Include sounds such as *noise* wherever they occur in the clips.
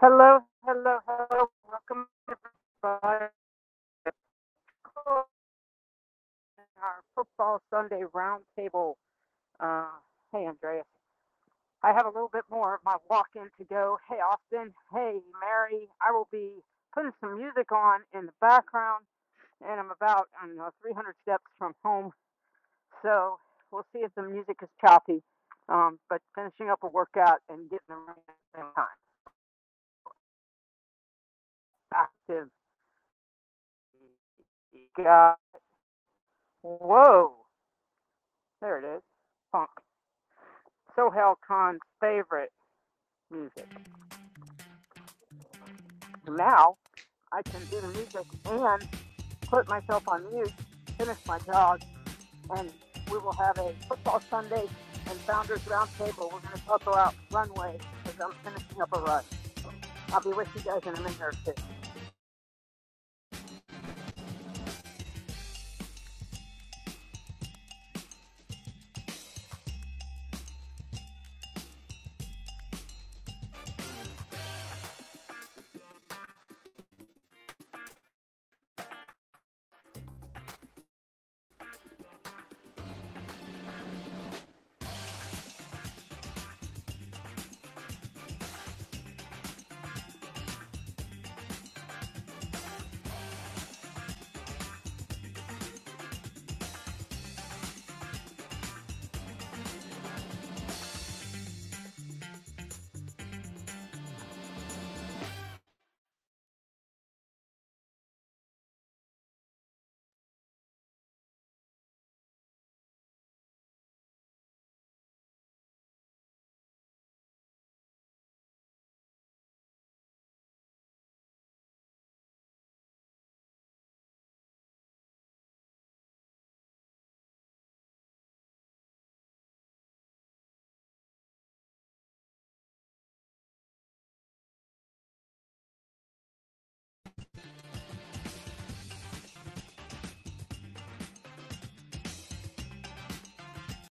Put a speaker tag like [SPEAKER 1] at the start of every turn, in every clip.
[SPEAKER 1] Hello, hello, hello. Welcome to our Football Sunday Roundtable. Uh, hey, Andreas. I have a little bit more of my walk in to go. Hey, Austin. Hey, Mary. I will be putting some music on in the background, and I'm about, I don't know, 300 steps from home. So we'll see if the music is choppy. Um, but finishing up a workout and getting the run at the same time. Active. Got, whoa. There it is. Funk. Sohail Khan's favorite music. Now I can do the music and put myself on mute, finish my job, and we will have a football Sunday and founders roundtable. We're going to talk about runway because I'm finishing up a run. I'll be with you guys in a minute or two.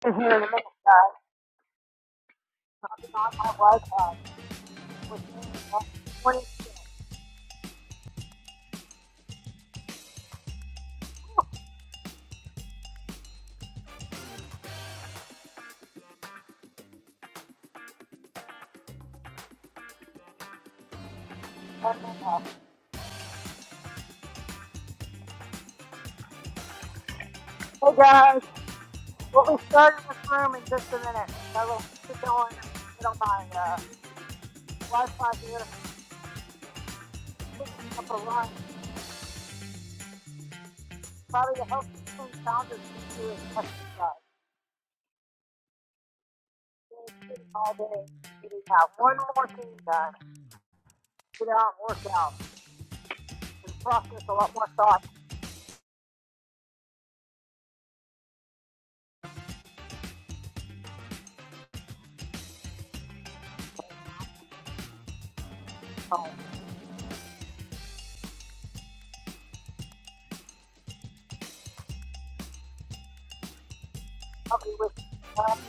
[SPEAKER 1] In here in a minute, guys. I'll be on my Wi-Fi. which means that's 20, minutes Hey guys, we'll be starting this room in just a minute. I will get going get on my uh, Wi-Fi here. picking up a line, probably the healthiest food founders can do is exercise. all day, you need to have one more thing done. Get out and work out. And process a lot more thoughts at home. Help with thoughts.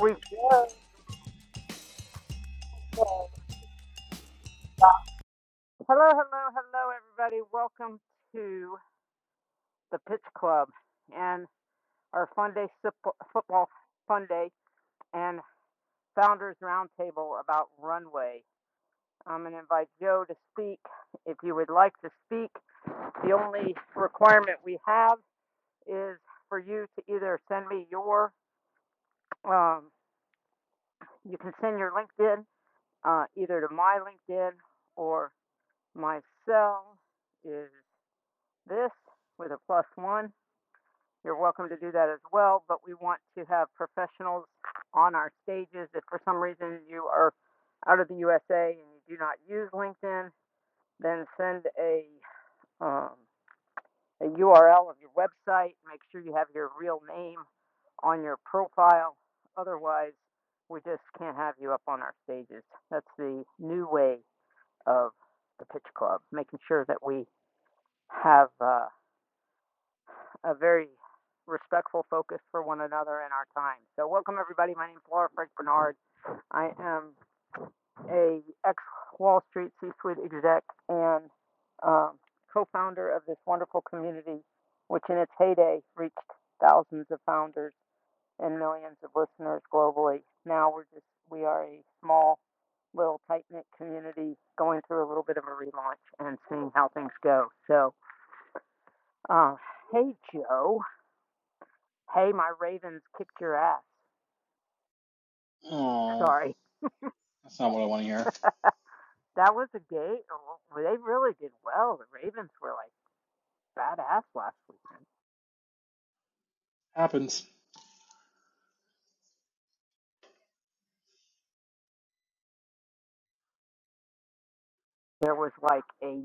[SPEAKER 1] we Hello, hello, hello, everybody. Welcome to the Pitch Club and our Fun Day Football Fun Day and Founders Roundtable about Runway. I'm going to invite Joe to speak. If you would like to speak, The only requirement we have is for you to either send me your, um, you can send your LinkedIn, uh, either to my LinkedIn or my cell is this with a plus one. You're welcome to do that as well, but we want to have professionals on our stages. If for some reason you are out of the USA and you do not use LinkedIn, then send a, um, a URL of your website. Make sure you have your real name on your profile. Otherwise, we just can't have you up on our stages. That's the new way of the Pitch Club, making sure that we have uh, a very respectful focus for one another and our time. So, welcome everybody. My name is Laura Frank Bernard. I am a ex-Wall Street C-suite exec and um, co-founder of this wonderful community, which in its heyday reached thousands of founders and millions of listeners globally. Now we're just we are a small, little tight-knit community going through a little bit of a relaunch and seeing how things go. So, uh, hey Joe, hey my Ravens kicked your ass.
[SPEAKER 2] Oh,
[SPEAKER 1] Sorry.
[SPEAKER 2] that's not what I want to
[SPEAKER 1] *laughs*
[SPEAKER 2] hear.
[SPEAKER 1] that was a game. They really did well. The Ravens were like badass last weekend.
[SPEAKER 2] Happens.
[SPEAKER 1] There was like a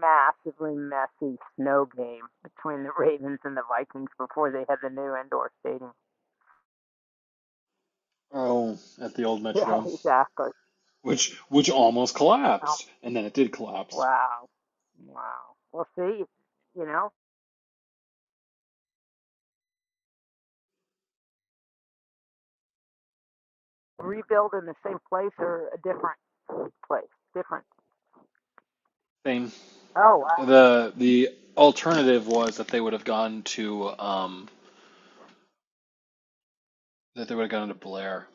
[SPEAKER 1] massively messy snow game between the *laughs* Ravens and the Vikings before they had the new indoor stadium. *laughs*
[SPEAKER 2] Oh, at the old
[SPEAKER 1] Yeah,
[SPEAKER 2] Metrodome,
[SPEAKER 1] exactly.
[SPEAKER 2] which which almost
[SPEAKER 1] Oh,
[SPEAKER 2] collapsed, and then it did collapse.
[SPEAKER 1] wow. Wow. We'll see. You know, rebuild in the same place or a different place. Different.
[SPEAKER 2] Same.
[SPEAKER 1] Oh, wow.
[SPEAKER 2] The the alternative was that they would have gone to um that they would have gone to Blair.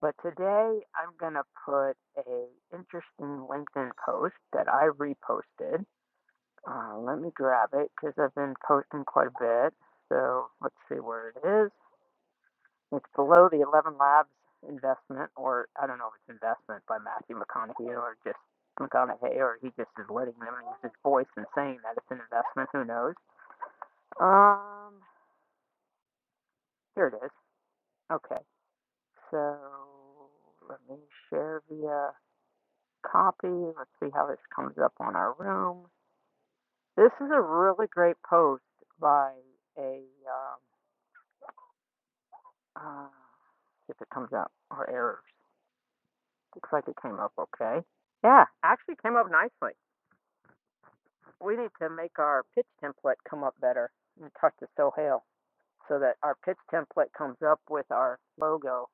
[SPEAKER 1] But today I'm going to put a interesting LinkedIn post that I reposted Uh, let me grab it because I've been posting quite a bit. So let's see where it is. It's below the 11 Labs investment, or I don't know if it's investment by Matthew McConaughey or just McConaughey, or he just is letting them use his voice and saying that it's an investment. Who knows? Um, here it is. Okay, so let me share via copy. Let's see how this comes up on our room. This is a really great post by a um, uh, See if it comes up. or errors. Looks like it came up okay. Yeah, actually came up nicely. We need to make our pitch template come up better and talk to Sohail so that our pitch template comes up with our logo.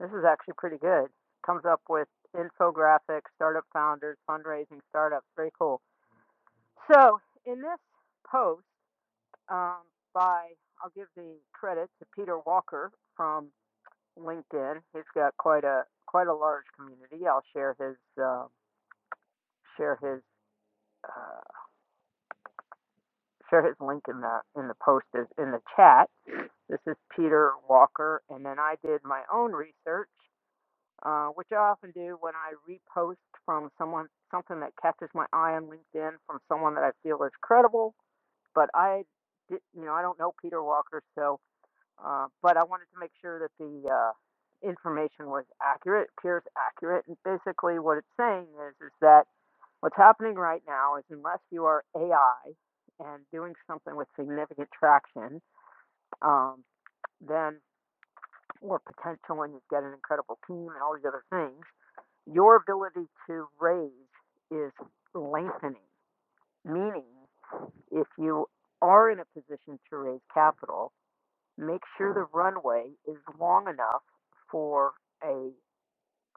[SPEAKER 1] This is actually pretty good. Comes up with infographics, startup founders, fundraising startups. Very cool. So in this post um, by, I'll give the credit to Peter Walker from LinkedIn. He's got quite a quite a large community. I'll share his um, share his uh, share his link in the in the post is in the chat. This is Peter Walker, and then I did my own research, uh, which I often do when I repost from someone something that catches my eye on LinkedIn from someone that I feel is credible. But I, did, you know, I don't know Peter Walker, so Uh, but I wanted to make sure that the uh, information was accurate, appears accurate. And basically, what it's saying is, is that what's happening right now is unless you are AI and doing something with significant traction, um, then or potential and you get an incredible team and all these other things, your ability to raise is lengthening. Meaning, if you are in a position to raise capital, make sure the runway is long enough for a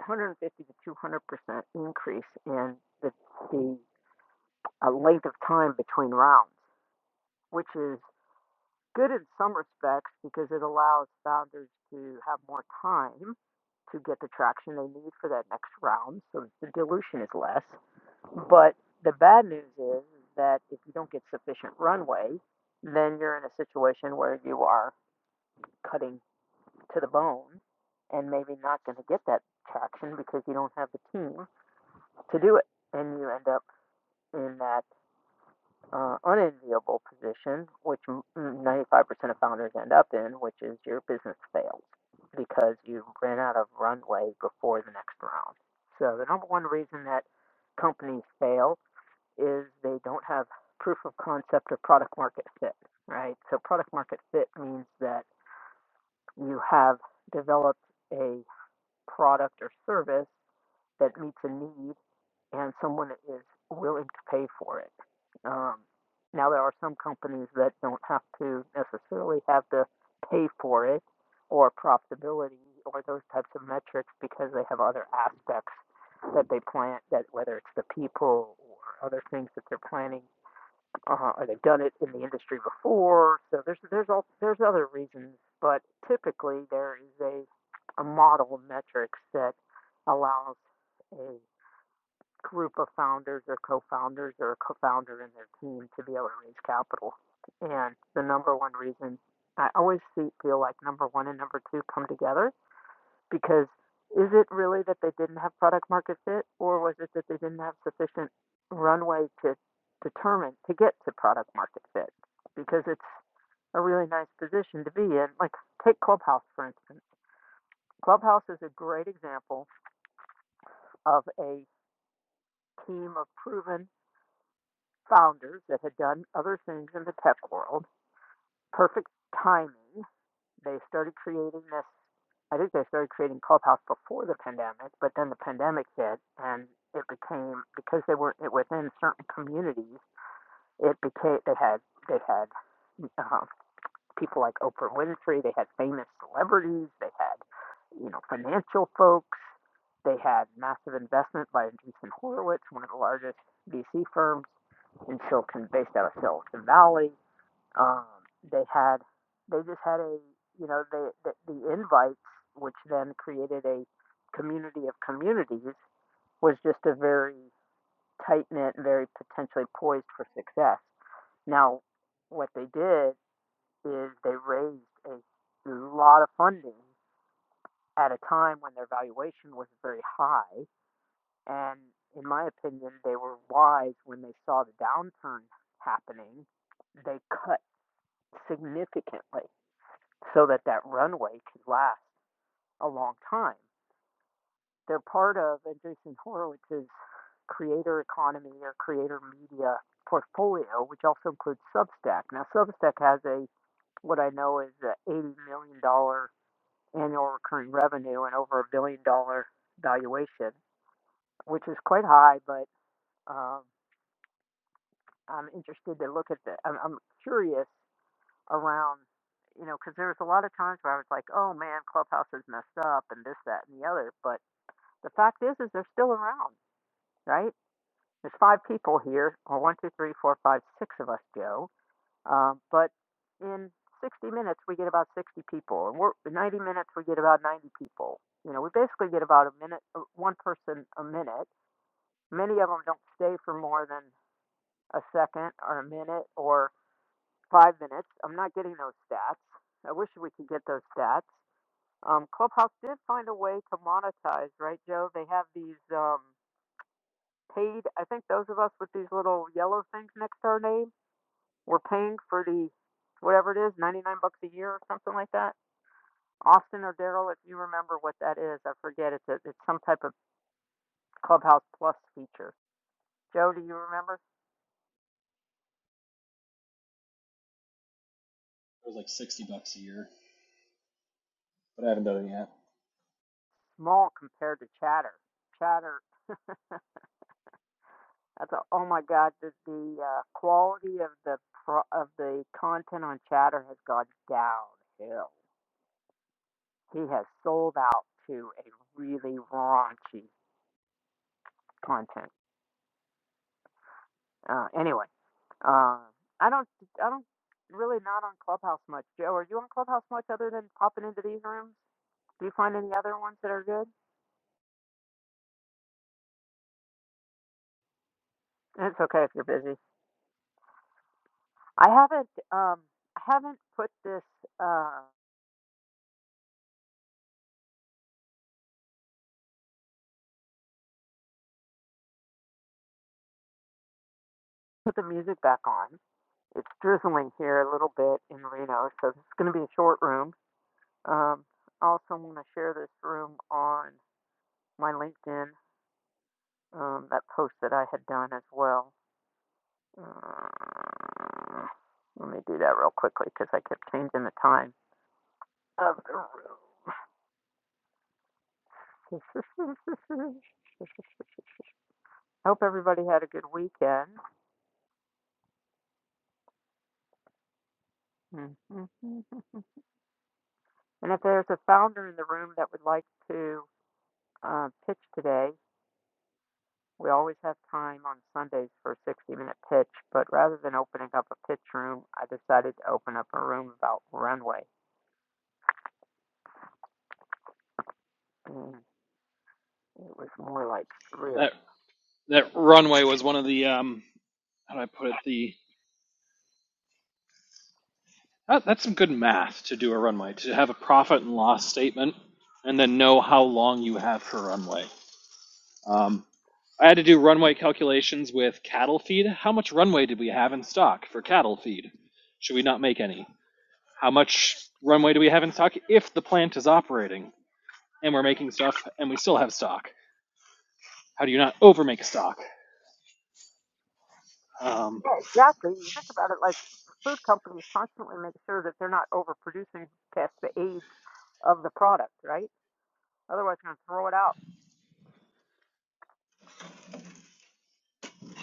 [SPEAKER 1] 150 to 200 percent increase in the, the uh, length of time between rounds, which is good in some respects because it allows founders to have more time to get the traction they need for that next round, so the dilution is less. But the bad news is that if you don't get sufficient runway, then you're in a situation where you are cutting to the bone and maybe not going to get that traction because you don't have the team to do it. And you end up in that uh, unenviable position, which 95% of founders end up in, which is your business fails because you ran out of runway before the next round. So, the number one reason that companies fail is they don't have proof of concept or product market fit, right? So, product market fit means that you have developed a product or service that meets a need and someone is willing to pay for it. Um, now, there are some companies that don't have to necessarily have to pay for it or profitability or those types of metrics because they have other aspects that they plan, that whether it's the people or other things that they're planning uh, or they've done it in the industry before. So there's there's all there's other reasons, but typically there is a a model of metrics that allows a group of founders or co-founders or a co-founder and their team to be able to raise capital. And the number one reason I always feel like number one and number two come together because is it really that they didn't have product market fit, or was it that they didn't have sufficient runway to determine to get to product market fit? Because it's a really nice position to be in. Like, take Clubhouse, for instance. Clubhouse is a great example of a team of proven founders that had done other things in the tech world perfect timing. They started creating this. I think they started creating Clubhouse before the pandemic, but then the pandemic hit, and it became because they were within certain communities. It became they had they had uh, people like Oprah Winfrey. They had famous celebrities. They had you know financial folks. They had massive investment by Andreessen Horowitz, one of the largest VC firms in Silicon, based out of Silicon Valley. Um, they had they just had a you know the the, the invites, which then created a community of communities, was just a very tight knit, very potentially poised for success. Now, what they did is they raised a lot of funding at a time when their valuation was very high, and in my opinion, they were wise when they saw the downturn happening. They cut significantly so that that runway can last a long time. They're part of Jason Horowitz's creator economy or creator media portfolio, which also includes Substack. Now, Substack has a what I know is a eighty million dollar annual recurring revenue and over a billion dollar valuation, which is quite high. But um, I'm interested to look at the. I'm, I'm curious around, you know, because there was a lot of times where I was like, oh man, Clubhouse is messed up and this, that, and the other. But the fact is, is they're still around, right? There's five people here, or one, two, three, four, five, six of us, Joe. Um, but in 60 minutes, we get about 60 people, and we're in 90 minutes, we get about 90 people. You know, we basically get about a minute, uh, one person a minute. Many of them don't stay for more than a second or a minute, or. five minutes. I'm not getting those stats. I wish we could get those stats. Um, Clubhouse did find a way to monetize, right, Joe? They have these um, paid. I think those of us with these little yellow things next to our name, we're paying for the whatever it is, 99 bucks a year or something like that. Austin or Daryl, if you remember what that is, I forget. It's a, it's some type of Clubhouse Plus feature. Joe, do you remember?
[SPEAKER 2] It was like sixty bucks a year, but I haven't done it yet.
[SPEAKER 1] Small compared to Chatter. Chatter. *laughs* I thought, oh my God, the the uh, quality of the pro- of the content on Chatter has gone downhill. He has sold out to a really raunchy content. Uh, anyway, uh, I don't I don't really not on Clubhouse much. Joe, are you on Clubhouse much other than popping into these rooms? Do you find any other ones that are good? It's okay if you're busy. I haven't um I haven't put this. uh, put the music back on. It's drizzling here a little bit in Reno, so this is going to be a short room. Um, I also want to share this room on my LinkedIn, um, that post that I had done as well. Uh, let me do that real quickly because I kept changing the time. of *laughs* Hope everybody had a good weekend. *laughs* Mm-hmm. And if there's a founder in the room that would like to uh, pitch today, We always have time on Sundays for a 60 minute pitch, but rather than opening up a pitch room, I decided to open up a room about runway. And it was more like real.
[SPEAKER 2] That that runway was one of the um how do I put it the that, that's some good math to do a runway to have a profit and loss statement and then know how long you have for runway. Um, I had to do runway calculations with cattle feed. How much runway did we have in stock for cattle feed? Should we not make any? How much runway do we have in stock if the plant is operating and we're making stuff and we still have stock? How do you not overmake stock? Um,
[SPEAKER 1] Yeah, exactly. You think about it like food companies constantly make sure that they're not overproducing past the age of the product, right? Otherwise, they're going to throw it out.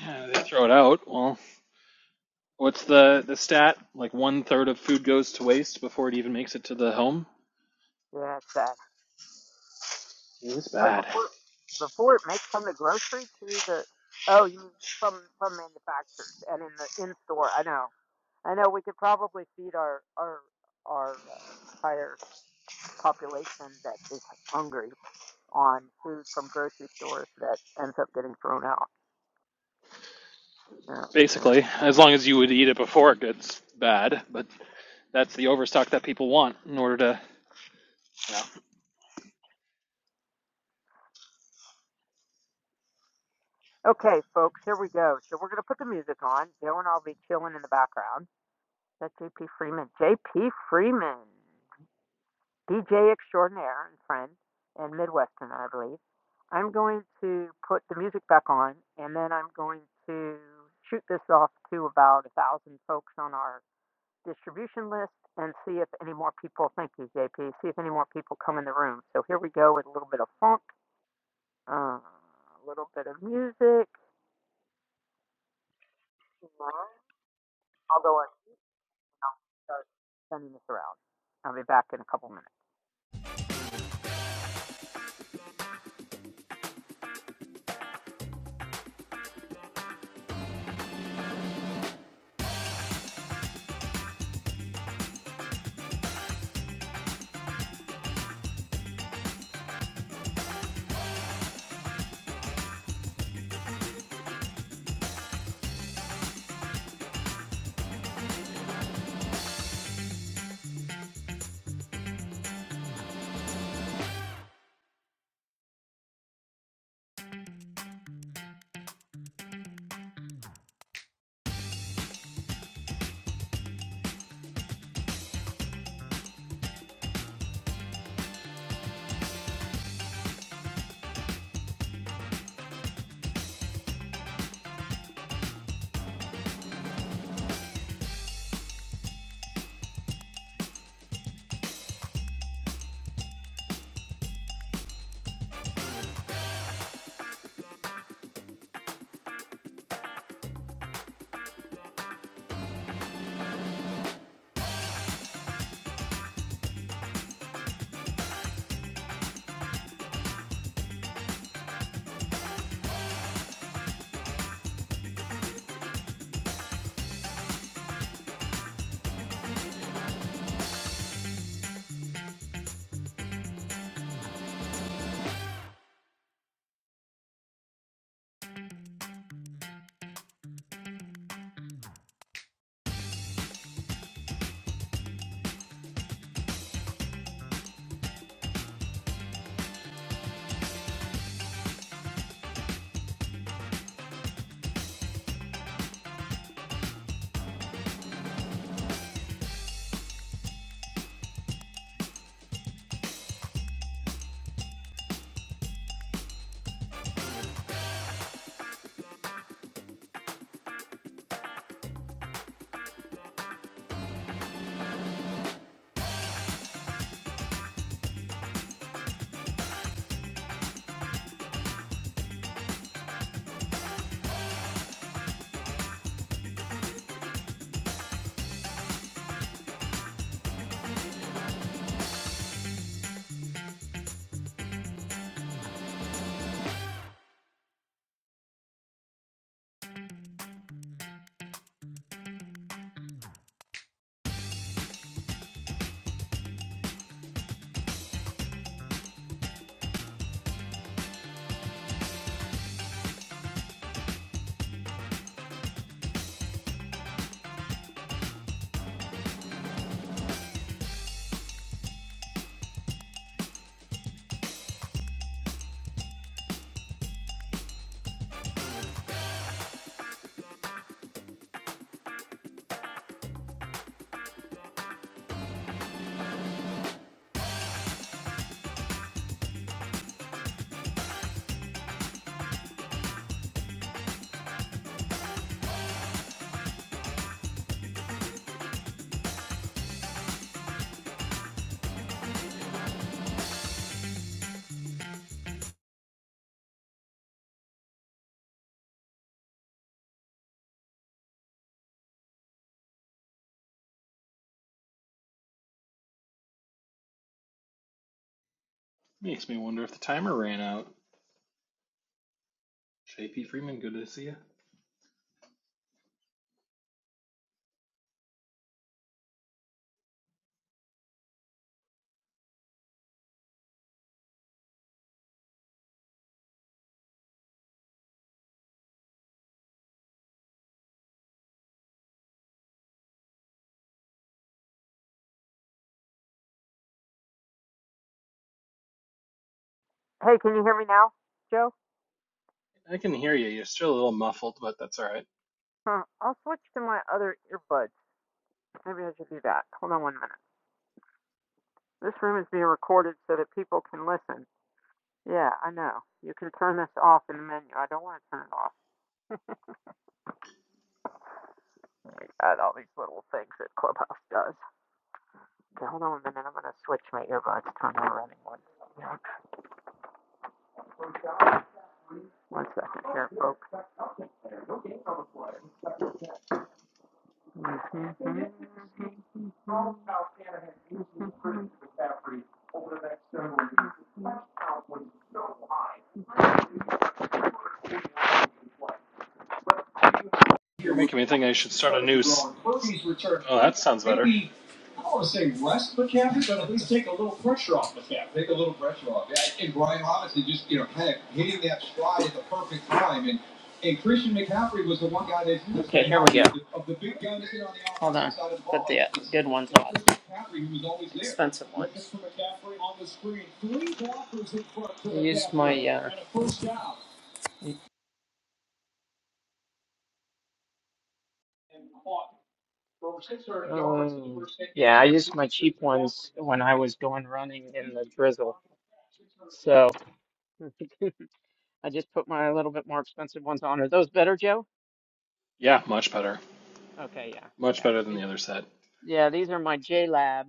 [SPEAKER 2] yeah, they throw it out. Well, what's the, the stat? Like one third of food goes to waste before it even makes it to the home?
[SPEAKER 1] Yeah, it's sad.
[SPEAKER 2] It's
[SPEAKER 1] Oh,
[SPEAKER 2] bad.
[SPEAKER 1] before, before it makes from the grocery to the, oh, you mean from, from manufacturers and in the in store. I know, I know we could probably feed our our our uh, entire population that is hungry on food from grocery stores that ends up getting thrown out. Yeah, yeah.
[SPEAKER 2] Basically, as long as you would eat it before it gets bad, but that's the overstock that people want in order to Yeah,
[SPEAKER 1] Okay, folks, here we go. So we're gonna put the music on. Joe and I'll be chilling in the background. That's J.P. Freeman. J.P. Freeman, DJ extraordinaire and friend, and Midwestern, I believe. I'm going to put the music back on, and then I'm going to shoot this off to about a thousand folks on our distribution list and see if any more people, thank you, JP, see if any more people come in the room. So here we go with a little bit of funk, uh, a little bit of music, although I I'll start sending this around. I'll be back in a couple minutes.
[SPEAKER 2] makes me wonder if the timer ran out. JP Freeman, good to see you.
[SPEAKER 1] Hey, can you hear me now, Joe?
[SPEAKER 2] I can hear you. You're still a little muffled, but that's all right.
[SPEAKER 1] Huh, I'll switch to my other earbuds. Maybe I should do that. Hold on one minute. This room is being recorded so that people can listen. Yeah, I know. You can turn this off in the menu. I don't want to turn it off. Oh my God, all these little things that Clubhouse does. Okay, hold on a minute. I'm going to switch my earbuds to an running one. Yeah, One second here, folks. Mm-hmm. here
[SPEAKER 2] You're
[SPEAKER 1] with
[SPEAKER 2] making me think I should
[SPEAKER 1] Robinson
[SPEAKER 2] start a
[SPEAKER 1] starting to
[SPEAKER 2] new.
[SPEAKER 1] grow
[SPEAKER 2] S-
[SPEAKER 1] and
[SPEAKER 2] s-
[SPEAKER 1] Purdy's return on.
[SPEAKER 2] oh, that
[SPEAKER 1] it. So
[SPEAKER 2] sounds better.
[SPEAKER 1] maybe, I don't want to say rest McCaffrey, but at least take a little pressure off McCaffrey. Take a little pressure off. Yeah, and Brian Robinson just, you know, kind of hitting that stride at the perfect time. And and Christian McCaffrey was the one guy that Okay, here we go. of the, big guns on the Hold on. side of the Put ball. But the It good ones on. Christian there. Expensive ones. on the Three blockers in front for Use my uh, and a first down and caught. Um, yeah, I used my cheap ones when I was going running in the drizzle. So *laughs* I just put my little bit more expensive ones on. Are those better, Joe?
[SPEAKER 2] Yeah, much better.
[SPEAKER 1] Okay, yeah,
[SPEAKER 2] Much
[SPEAKER 1] yeah.
[SPEAKER 2] better than
[SPEAKER 1] These-
[SPEAKER 2] the other set.
[SPEAKER 1] Yeah, these are my J Lab,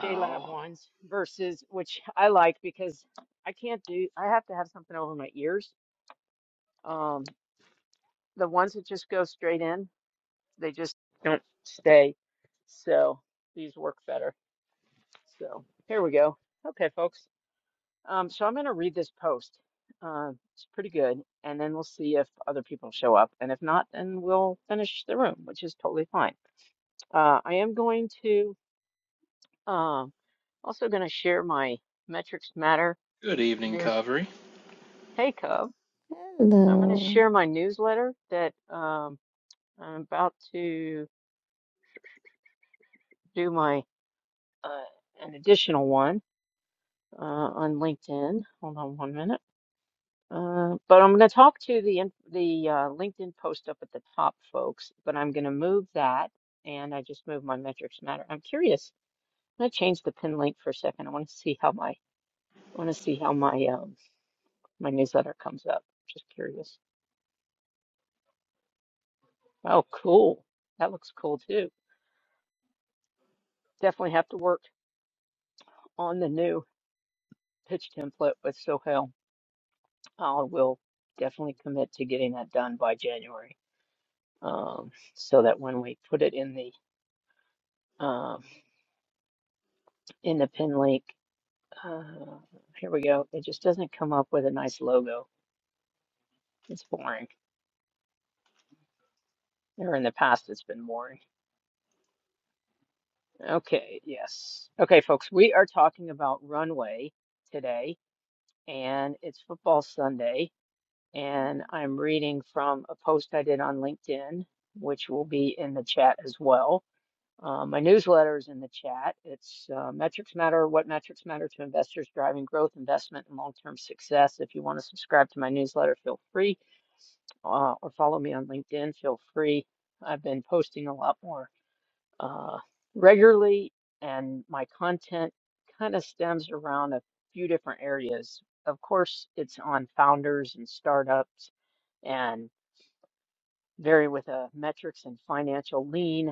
[SPEAKER 1] J Lab ones versus which I like because I can't do, I have to have something over my ears. Um, the ones that just go straight in, they just don't stay. So these work better. So here we go. Okay, folks. Um, so I'm going to read this post. Uh, it's pretty good. And then we'll see if other people show up. And if not, then we'll finish the room, which is totally fine. Uh, I am going to um, also going to share my Metrics Matter
[SPEAKER 2] Good evening,
[SPEAKER 1] news.
[SPEAKER 2] Kaveri.
[SPEAKER 1] Hey, Cub. I'm going to
[SPEAKER 3] Hello.
[SPEAKER 1] share my newsletter that um, I'm about to do my uh, an additional one uh, on LinkedIn. Hold on one minute. Uh, but I'm going to talk to the in- the uh, LinkedIn post up at the top, folks. But I'm going to move that, and I just moved my metrics matter. I'm curious. I'm going to change the pin link for a second. I want to see how my I want to see how my um my newsletter comes up. Just curious. Oh, cool. That looks cool too. Definitely have to work on the new pitch template with Sohail. I will definitely commit to getting that done by January. Um, so that when we put it in the um in the pin link. Uh, here we go. It just doesn't come up with a nice logo. It's boring. Or in the past, it's been boring. Okay, yes. Okay, folks, we are talking about Runway today, and it's Football Sunday, and I'm reading from a post I did on LinkedIn, which will be in the chat as well. Uh, my newsletter is in the chat. It's uh, Metrics Matter, What Metrics Matter to Investors Driving Growth, Investment, and Long Term Success. If you want to subscribe to my newsletter, feel free. uh, or follow me on LinkedIn, feel free. I've been posting a lot more uh, regularly, and my content kind of stems around a few different areas. Of course, it's on founders and startups and vary with a metrics and financial lean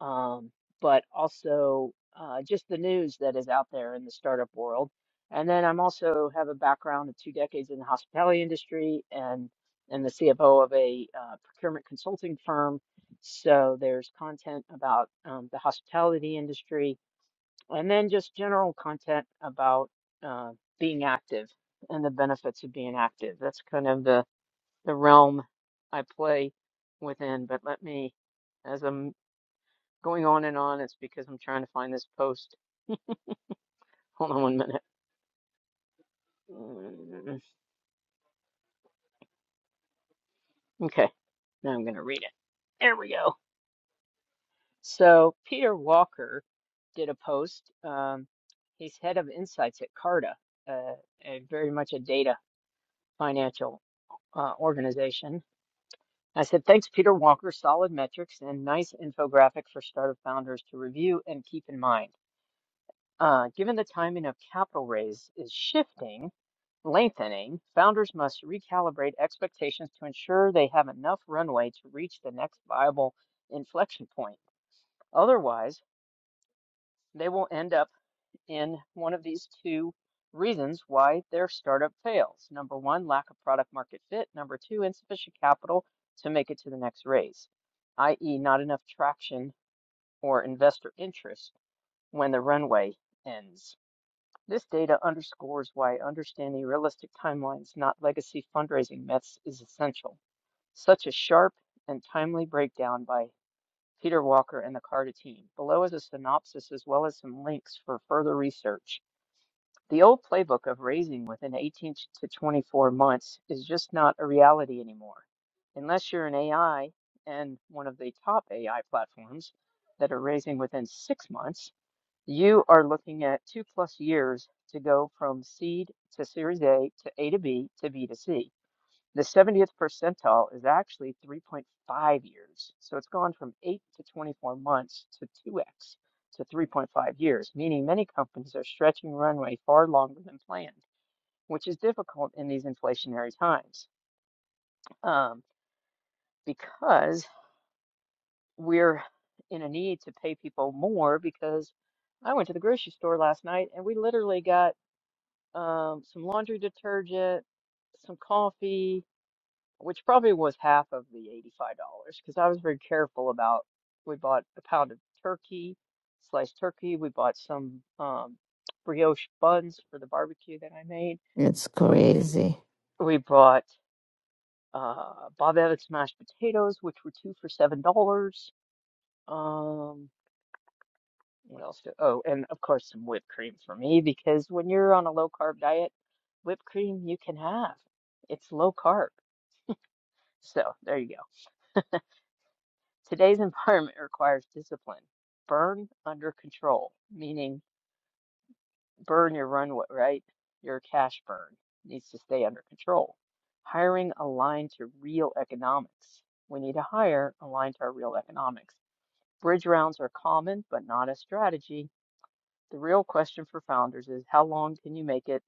[SPEAKER 1] um, but also uh, just the news that is out there in the startup world. And then I'm also have a background of two decades in the hospitality industry and and the CFO of a uh, procurement consulting firm. So there's content about um, the hospitality industry, and then just general content about uh, being active and the benefits of being active. That's kind of the the realm I play within. But let me, as I'm going on and on, it's because I'm trying to find this post. Hold on one minute. Mm, Okay, now I'm going to read it. There we go. So, Peter Walker did a post. Um, he's head of insights at Carta, uh, a very much a data financial uh, organization. I said, thanks, Peter Walker. Solid metrics and nice infographic for startup founders to review and keep in mind. Uh, given the timing of capital raise is shifting, lengthening, founders must recalibrate expectations to ensure they have enough runway to reach the next viable inflection point. Otherwise, they will end up in one of these two reasons why their startup fails. Number one, lack of product market fit. Number two, insufficient capital to make it to the next raise, i.e., not enough traction or investor interest when the runway ends. This data underscores why understanding realistic timelines, not legacy fundraising myths, is essential. Such a sharp and timely breakdown by Peter Walker and the Carta team. Below is a synopsis as well as some links for further research. The old playbook of raising within 18 to 24 months is just not a reality anymore. Unless you're an AI and one of the top AI platforms that are raising within six months, you are looking at two plus years to go from seed to Series A to A to B to B to C. The 70th percentile is actually 3.5 years. So it's gone from 8 to 24 months to 2x to 3.5 years, meaning many companies are stretching runway far longer than planned, which is difficult in these inflationary times um, because we're in a need to pay people more because I went to the grocery store last night and we literally got um, some laundry detergent, some coffee, which probably was half of the $85 because I was very careful about. We bought a pound of turkey, sliced turkey. We bought some um, brioche buns for the barbecue that I made.
[SPEAKER 3] It's
[SPEAKER 1] We
[SPEAKER 3] crazy.
[SPEAKER 1] we bought uh, Bob Evans mashed potatoes, which were two for seven dollars. Um, What else do, oh, and of course some whipped cream for me because when you're on a low carb diet, whipped cream you can have. It's low carb. So there you go. Today's environment *laughs* requires discipline. Burn under control, meaning burn your runway, right? Your cash burn needs to stay under control. Hiring aligned to real economics. We need to hire aligned to our real economics. Bridge rounds are common, but not a strategy. The real question for founders is how long can you make it?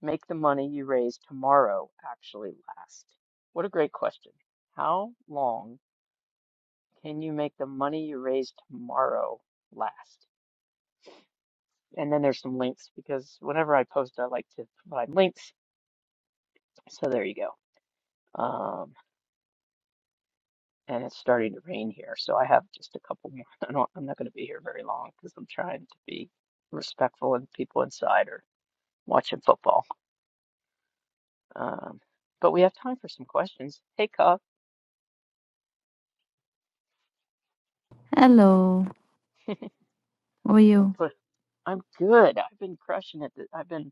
[SPEAKER 1] Make the money you raise tomorrow actually last? What a great question. How long can you make the money you raise tomorrow last? And then there's some links because whenever I post, I like to provide links. So there you go. Um, and it's starting to rain here, so I have just a couple more. *laughs* I don't, I'm not going to be here very long because I'm trying to be respectful and people inside are watching football. Um, but we have time for some questions. Hey, Cuff.
[SPEAKER 3] Hello, how are
[SPEAKER 1] I'm
[SPEAKER 3] you?
[SPEAKER 1] put. I'm good. I've been crushing it. th- I've been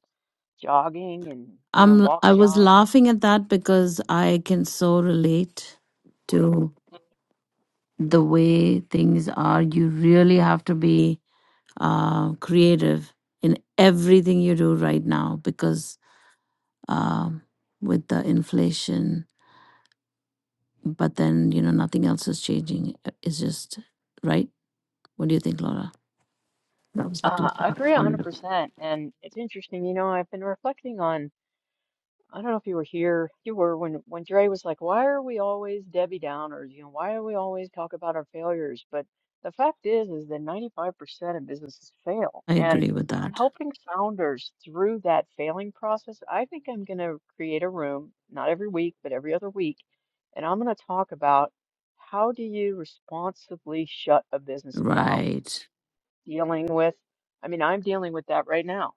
[SPEAKER 1] jogging and doing
[SPEAKER 3] I'm
[SPEAKER 1] walk
[SPEAKER 3] I was
[SPEAKER 1] jogs.
[SPEAKER 3] laughing at that because I can so relate to the way things are. You really have to be uh, creative in everything you do right now because um, with the inflation, but then you know nothing else is changing. It's just right. What do you think, Laura? That was the two.
[SPEAKER 1] Uh, I agree 100%. And it's interesting, you know, I've been reflecting on. I don't know if you were here. You were when when Dre was like, "Why are we always Debbie Downers? You know, why are we always talk about our failures?" But the fact is, is that 95% of businesses fail,
[SPEAKER 3] I
[SPEAKER 1] and
[SPEAKER 3] agree with that.
[SPEAKER 1] helping founders through that failing process, I think I'm going to create a room, not every week, but every other week, and I'm going to talk about how do you responsibly shut a business down?
[SPEAKER 3] Right.
[SPEAKER 1] Dealing with, I mean, I'm dealing with that right now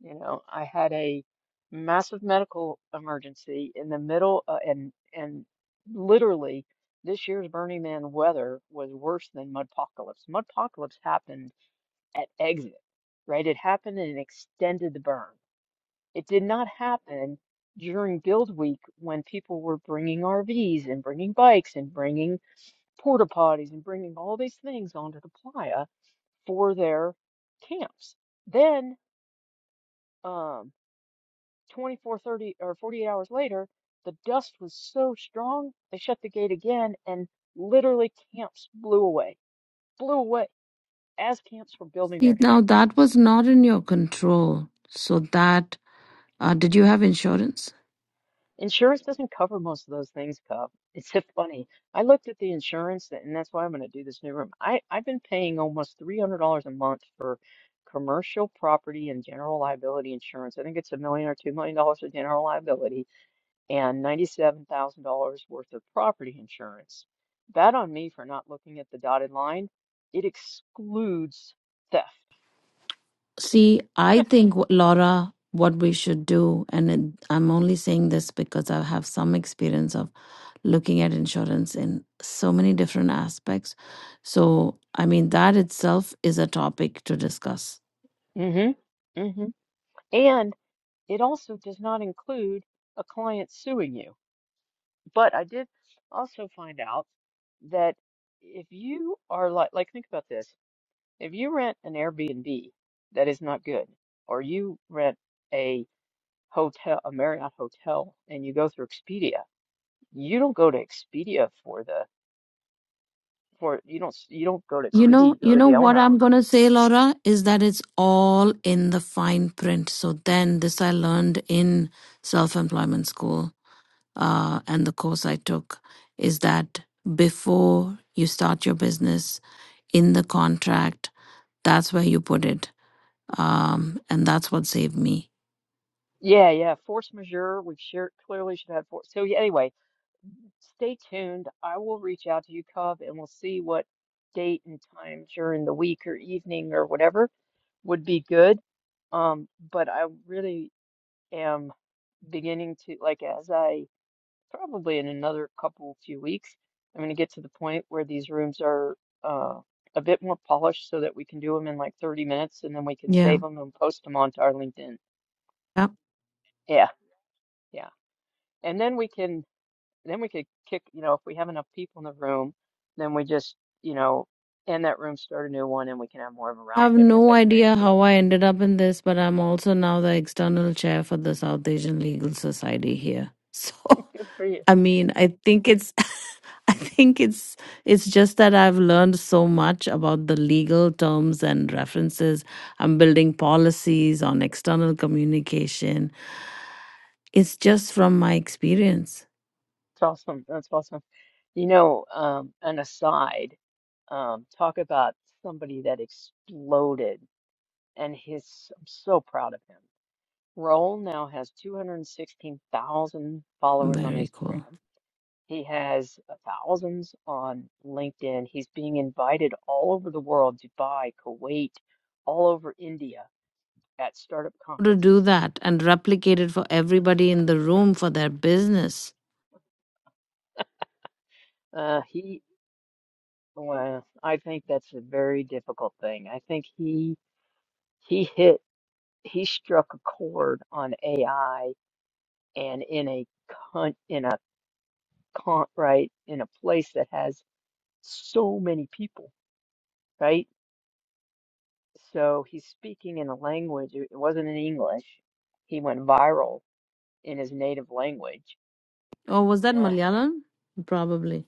[SPEAKER 1] you know, I had a massive medical emergency in the middle, uh, and and literally this year's Burning Man weather was worse than Mudpocalypse. Mudpocalypse happened at exit, right? It happened and it extended the burn. It did not happen during build week when people were bringing RVs and bringing bikes and bringing porta potties and bringing all these things onto the playa for their camps. Then. um. 24, 30, or 48 hours later, the dust was so strong, they shut the gate again, and literally camps blew away, blew away as camps were building
[SPEAKER 3] See,
[SPEAKER 1] their
[SPEAKER 3] now
[SPEAKER 1] camps.
[SPEAKER 3] that was not in your control. So that, uh, did you have insurance?
[SPEAKER 1] Insurance doesn't cover most of those things, Cub. It's so funny. I looked at the insurance, and that's why I'm going to do this new room. I, I've been paying almost $300 a month for commercial property and general liability insurance. I think it's a million or two million dollars for general liability and $97,000 worth of property insurance. Bad on me for not looking at the dotted line. It excludes theft.
[SPEAKER 3] See, I think, wh- Laura, what we should do, and it, I'm only saying this because I have some experience of looking at insurance in so many different aspects. So, I mean, that itself is a topic to discuss.
[SPEAKER 1] hmm hmm And it also does not include a client suing you. But I did also find out that if you are like, like think about this. If you rent an Airbnb that is not good, or you rent a hotel, a Marriott hotel, and you go through Expedia, You don't go to Expedia for the for you don't you don't go to
[SPEAKER 3] You
[SPEAKER 1] Expedia,
[SPEAKER 3] know,
[SPEAKER 1] you go
[SPEAKER 3] you
[SPEAKER 1] to
[SPEAKER 3] know
[SPEAKER 1] the
[SPEAKER 3] what
[SPEAKER 1] owner.
[SPEAKER 3] I'm going to say, Laura, is that it's all in the fine print. So then this I learned in self-employment school uh, and the course I took is that before you start your business in the contract, that's where you put it. Um, and that's what saved me.
[SPEAKER 1] Yeah, yeah, force majeure. We've clearly should have force. So yeah, anyway, stay tuned. I will reach out to you, Cub, and we'll see what date and time during the week or evening or whatever would be good. Um, but I really am beginning to like as I probably in another couple few weeks. I'm going to get to the point where these rooms are uh, a bit more polished so that we can do them in like 30 minutes and then we can save
[SPEAKER 3] Yeah.
[SPEAKER 1] them and post them onto our LinkedIn.
[SPEAKER 3] Yep.
[SPEAKER 1] Yeah, yeah. And then we can then we could kick, you know, if we have enough people in the room, then we just, you know, end that room, start a new one, and we can have more of a
[SPEAKER 3] I
[SPEAKER 1] round
[SPEAKER 3] have
[SPEAKER 1] table
[SPEAKER 3] no
[SPEAKER 1] type thing.
[SPEAKER 3] idea
[SPEAKER 1] But
[SPEAKER 3] how I ended up in this, but I'm also now the external chair for the South Asian Legal Society here. *laughs* So
[SPEAKER 1] good for you.
[SPEAKER 3] I mean, I think it's *laughs* I think it's it's just that I've learned so much about the legal terms and references. I'm building policies on external communication. It's just from my experience.
[SPEAKER 1] It's awesome. That's awesome. You know, um, an aside, um, talk about somebody that exploded. and his I'm so proud of him. Roll now has 216,000 followers on
[SPEAKER 3] Very cool.
[SPEAKER 1] Instagram. He has uh, thousands on LinkedIn. He's being invited all over the world, Dubai, Kuwait, all over India at startup
[SPEAKER 3] To do
[SPEAKER 1] conferences.
[SPEAKER 3] that and replicate it for everybody in the room for their business.
[SPEAKER 1] Uh, he, well, I think that's a very difficult thing. I think he he hit he struck a chord on AI and in a con in a con right in a place that has so many people, right? So he's speaking in a language, it wasn't in English. He went viral in his native language.
[SPEAKER 3] Or was that
[SPEAKER 1] Eh,
[SPEAKER 3] Malayalam? Probably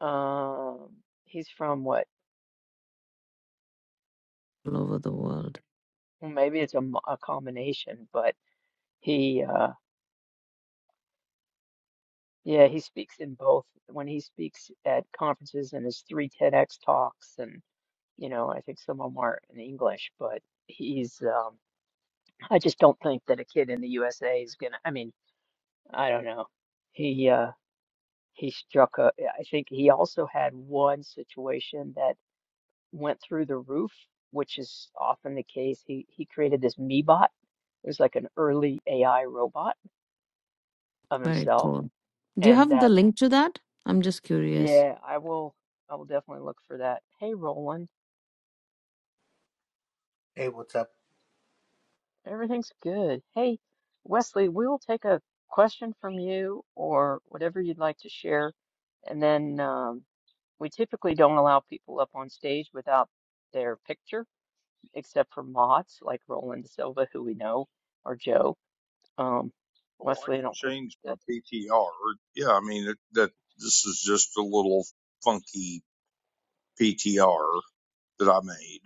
[SPEAKER 1] Um, he's from what?
[SPEAKER 3] all over the world.
[SPEAKER 1] well, Maybe it's a, mo- a combination, but he, uh, yeah, he speaks in both. When he speaks at conferences and his three TEDx talks, and you know, I think some of them are in English, but he's, um, I just don't think that a kid in the USA is gonna, I mean, I don't know. He, uh, he struck a, yeah, I think he also had one situation that went through the roof, which is often the case. He he created this MeBot. It was like an early AI robot of
[SPEAKER 3] Very
[SPEAKER 1] himself.
[SPEAKER 3] cool. Do you
[SPEAKER 1] And
[SPEAKER 3] have the
[SPEAKER 1] that,
[SPEAKER 3] link to that? I'm just curious.
[SPEAKER 1] yeah, I will I will definitely look for that. Hey, Roland,
[SPEAKER 4] Hey, what's up?
[SPEAKER 1] everything's good. Hey, Wesley, we'll take a question from you or whatever you'd like to share. And then um, we typically don't allow people up on stage without their picture except for mods like Roland Silva, who we know, or Joe. Um,
[SPEAKER 5] Well, I
[SPEAKER 1] Wesley, I
[SPEAKER 5] can
[SPEAKER 1] don't think
[SPEAKER 5] change my
[SPEAKER 1] that,
[SPEAKER 5] PTR. Yeah, I mean it, that. This is just a little funky PTR that I made.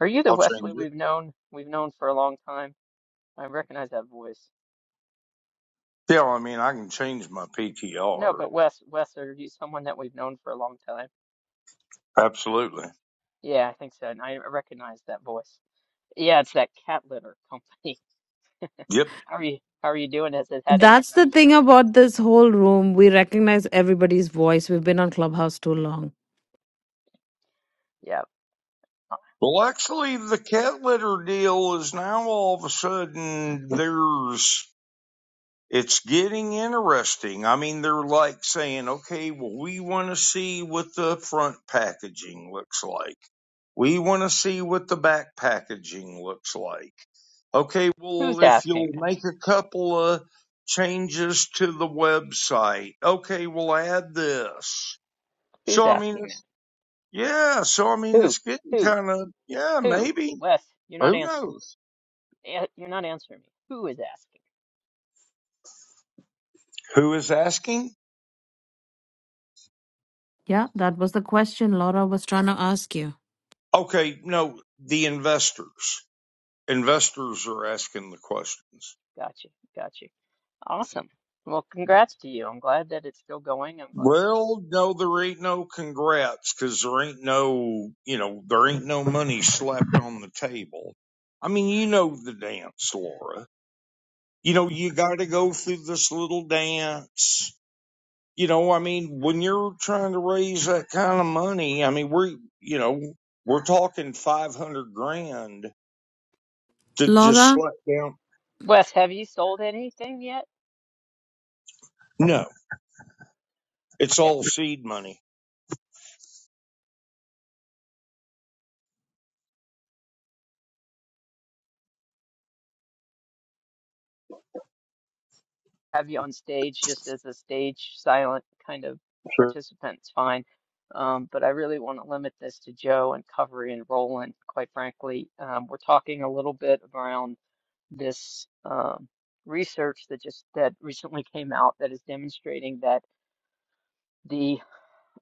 [SPEAKER 1] are you the
[SPEAKER 5] I'll
[SPEAKER 1] Wesley
[SPEAKER 5] change it.
[SPEAKER 1] we've known we've known for a long time? I recognize that voice.
[SPEAKER 5] Yeah, I mean I can change my
[SPEAKER 1] No,
[SPEAKER 5] PTR.
[SPEAKER 1] but Wes, Wes, are you someone that we've known for a long time?
[SPEAKER 5] Absolutely.
[SPEAKER 1] Yeah, I think so, and I recognize that voice. Yeah, it's that cat litter company.
[SPEAKER 5] Yep.
[SPEAKER 1] *laughs* How are you? How are you doing? Has it had any
[SPEAKER 3] That's the
[SPEAKER 1] traction?
[SPEAKER 3] thing about this whole room. We recognize everybody's voice. We've been on Clubhouse too long.
[SPEAKER 1] Yeah.
[SPEAKER 5] Well, actually, the cat litter deal is now all of a sudden there's it's getting interesting. I mean, they're like saying, okay, well, we want to see what the front packaging looks like. We want to see what the back packaging looks like. Okay, well,
[SPEAKER 1] Who's
[SPEAKER 5] if
[SPEAKER 1] asking
[SPEAKER 5] you'll
[SPEAKER 1] that?
[SPEAKER 5] make a couple of changes to the website, okay, we'll add this.
[SPEAKER 1] Who's
[SPEAKER 5] So, I mean,
[SPEAKER 1] asking
[SPEAKER 5] it's, yeah, so I
[SPEAKER 1] that?
[SPEAKER 5] mean,
[SPEAKER 1] Who?
[SPEAKER 5] it's getting
[SPEAKER 1] Who?
[SPEAKER 5] kind of, yeah,
[SPEAKER 1] Who?
[SPEAKER 5] maybe.
[SPEAKER 1] Wes, you're not
[SPEAKER 5] Who
[SPEAKER 1] answering
[SPEAKER 5] knows?
[SPEAKER 1] me. Eh, You're not answering me. Who is asking?
[SPEAKER 5] Who is asking?
[SPEAKER 3] Yeah, that was the question Laura was trying to ask you.
[SPEAKER 5] Okay, no, the investors investors are asking the questions.
[SPEAKER 1] Gotcha. Gotcha. Awesome. Well, congrats to you. I'm glad that it's still going. I'm glad.
[SPEAKER 5] Well, no, there ain't no congrats because there ain't no, you know, there ain't no money slapped on the table. I mean, you know the dance, Laura. You know, you got to go through this little dance. You know, I mean, when you're trying to raise that kind of money, I mean, we're, you know, we're talking 500 grand to just
[SPEAKER 3] Laura,
[SPEAKER 5] slap down.
[SPEAKER 1] Wes, have you sold anything yet?
[SPEAKER 5] No, it's
[SPEAKER 1] Okay.
[SPEAKER 5] all seed money.
[SPEAKER 1] Have you on stage just as a stage silent kind of participant? It's fine. Um, but I really want to limit this to Joe and Covery and Roland, quite frankly. Um, we're talking a little bit around this um, research that just that recently came out that is demonstrating that the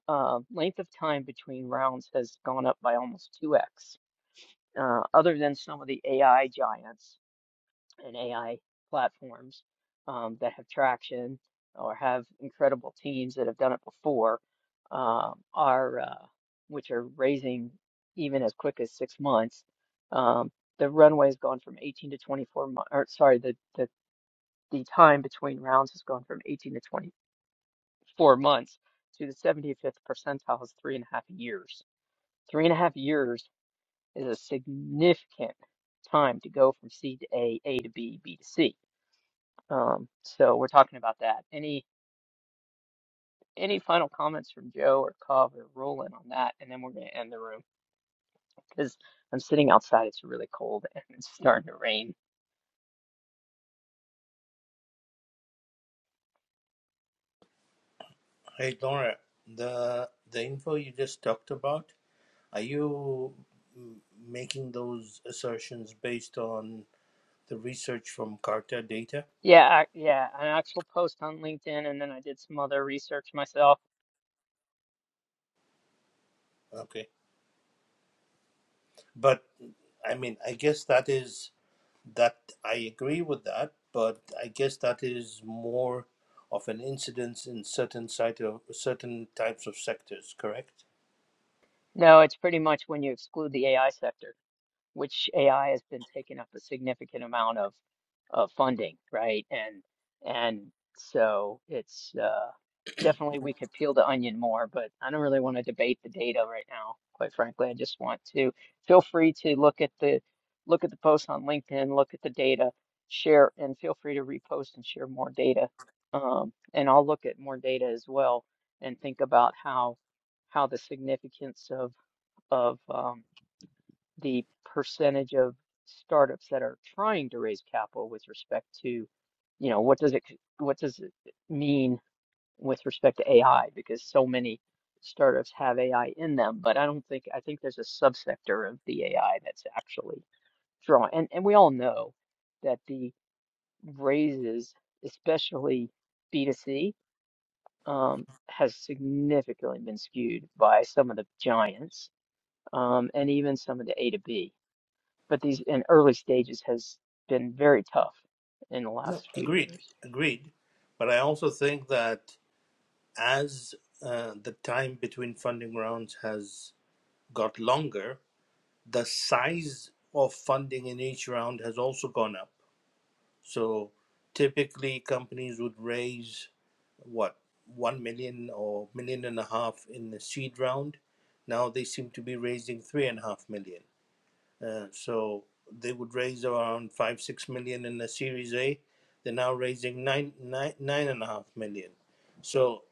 [SPEAKER 1] uh, length of time between rounds has gone up by almost 2x uh, other than some of the AI giants and AI platforms um, that have traction or have incredible teams that have done it before, um, are uh, which are raising even as quick as six months. Um, the runway has gone from 18 to 24 months, or sorry, the, the the time between rounds has gone from 18 to 24 months to the 75th percentile is three and a half years. Three and a half years is a significant time to go from C to A, A to B, B to C. Um, so we're talking about that. Any any final comments from Joe or Cov or Roland on that? And then we're going to end the room because I'm sitting outside. It's really cold *laughs* and it's starting to rain.
[SPEAKER 4] Hey, Laura, the the info you just talked about, are you mm, making those assertions based on the research from Carta data?
[SPEAKER 1] Yeah, I, yeah, an actual post on LinkedIn, and then I did some other research myself.
[SPEAKER 4] Okay. But I mean, I guess that is that I agree with that, but I guess that is more of an incidence in certain site of certain types of sectors, correct?
[SPEAKER 1] No, it's pretty much when you exclude the AI sector. which AI has been taking up a significant amount of of funding, right? And and so it's uh, definitely we could peel the onion more, but I don't really want to debate the data right now, quite frankly. I just want to feel free to look at the look at the posts on LinkedIn, look at the data, share, and feel free to repost and share more data. Um, and I'll look at more data as well and think about how how the significance of of um, the percentage of startups that are trying to raise capital with respect to, you know, what does it what does it mean with respect to AI? Because so many startups have AI in them, but I don't think I think there's a subsector of the AI that's actually drawing. And and we all know that the raises, especially B2C, um, has significantly been skewed by some of the giants, um, and even some of the A to B but these in early stages has been very tough in the
[SPEAKER 4] No,
[SPEAKER 1] last few
[SPEAKER 4] agreed,
[SPEAKER 1] years.
[SPEAKER 4] agreed. But I also think that as uh, the time between funding rounds has got longer, the size of funding in each round has also gone up. So typically, companies would raise what one million or million and a half in the seed round. Now they seem to be raising three and a half million. Uh, so they would raise around five six million in the Series A. They're now raising nine nine nine and a half million. So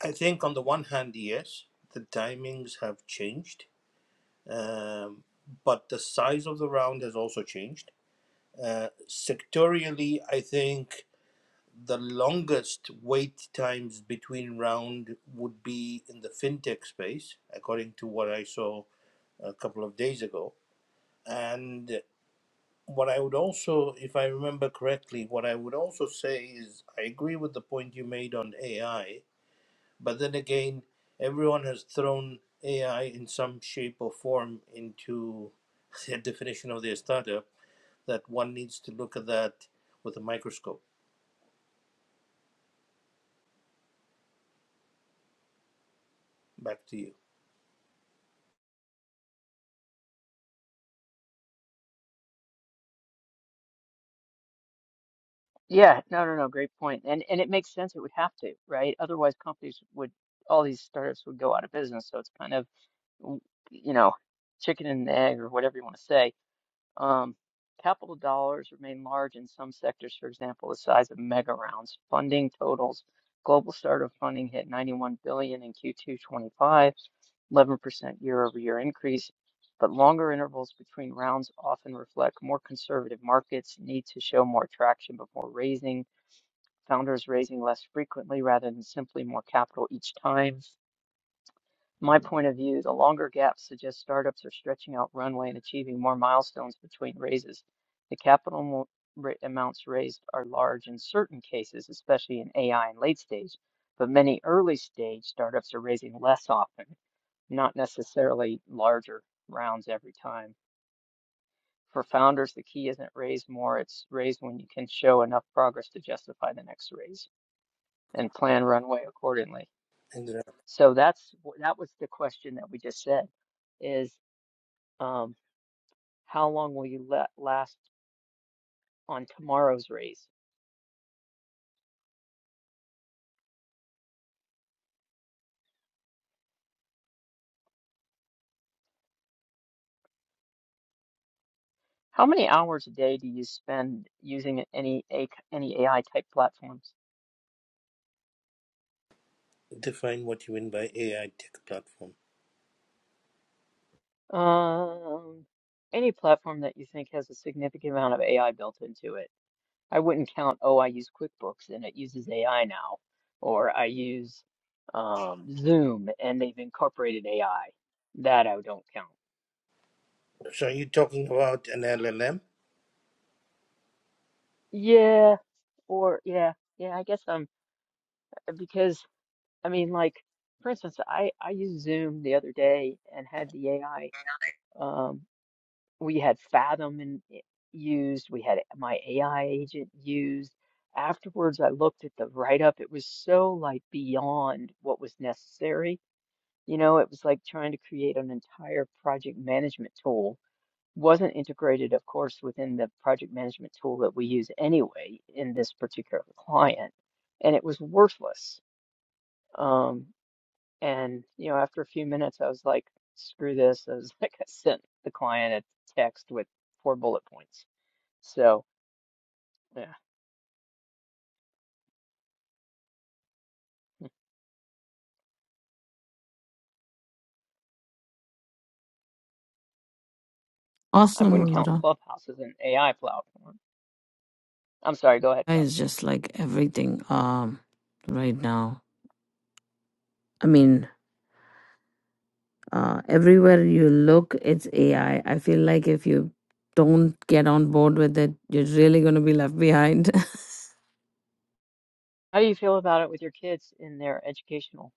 [SPEAKER 4] I think on the one hand, yes, the timings have changed, um, but the size of the round has also changed. Uh, sectorially, I think the longest wait times between round would be in the fintech space, according to what I saw a couple of days ago. And what I would also, if I remember correctly, what I would also say is I agree with the point you made on AI But then again, everyone has thrown AI in some shape or form into their *laughs* definition of their startup that one needs to look at that with a microscope. Back to you.
[SPEAKER 1] Yeah, no, no, no, great point. And and it makes sense it would have to, right? Otherwise companies would all these startups would go out of business. So it's kind of w- you know, chicken and egg or whatever you want to say. Um, capital dollars remain large in some sectors, for example, the size of mega rounds. Funding totals, global startup funding hit 91 billion in Q2 25 11% year-over-year increase, but longer intervals between rounds often reflect more conservative markets need to show more traction before raising, founders raising less frequently rather than simply more capital each time. My point of view, the longer gaps suggest startups are stretching out runway and achieving more milestones between raises. The capital mo- ra- amounts raised are large in certain cases, especially in AI and late stage, but many early stage startups are raising less often not necessarily larger rounds every time. For founders, the key isn't raise more, it's raise when you can show enough progress to justify the next raise and plan runway accordingly.
[SPEAKER 4] Indra,
[SPEAKER 1] So that's that was the question that we just said is um, how long will you let last on tomorrow's raise? How many hours a day do you spend using any any AI type platforms?
[SPEAKER 4] define what you mean by AI tech platform.
[SPEAKER 1] Um, any platform that you think has a significant amount of AI built into it I wouldn't count, oh, I use QuickBooks and it uses AI now, or I use um, Zoom and they've incorporated AI. That I don't count.
[SPEAKER 4] So are you talking about an LLM?
[SPEAKER 1] Yeah, or yeah, yeah, I guess I'm because I mean, like for instance, I I used Zoom the other day and had the AI. Um, we had Fathom and used, we had my AI agent used. Afterwards, I looked at the write-up. It was so like beyond what was necessary You know, it was like trying to create an entire project management tool. Wasn't integrated, of course, within the project management tool that we use anyway in this particular client, and it was worthless. Um, and you know, after a few minutes, I was like, "Screw this!" I was *laughs* like, I sent the client a text with four bullet points. So, yeah. Hmm. I
[SPEAKER 3] awesome,
[SPEAKER 1] wouldn't count
[SPEAKER 3] Laura.
[SPEAKER 1] Clubhouse as an AI platform. I'm sorry, go ahead, Kyle.
[SPEAKER 3] It's just like everything um right now. I mean, uh everywhere you look, it's AI. I I feel like if you don't get on board with it, you're really going to be left behind. *laughs*
[SPEAKER 1] How do you feel about it with your kids in their educational?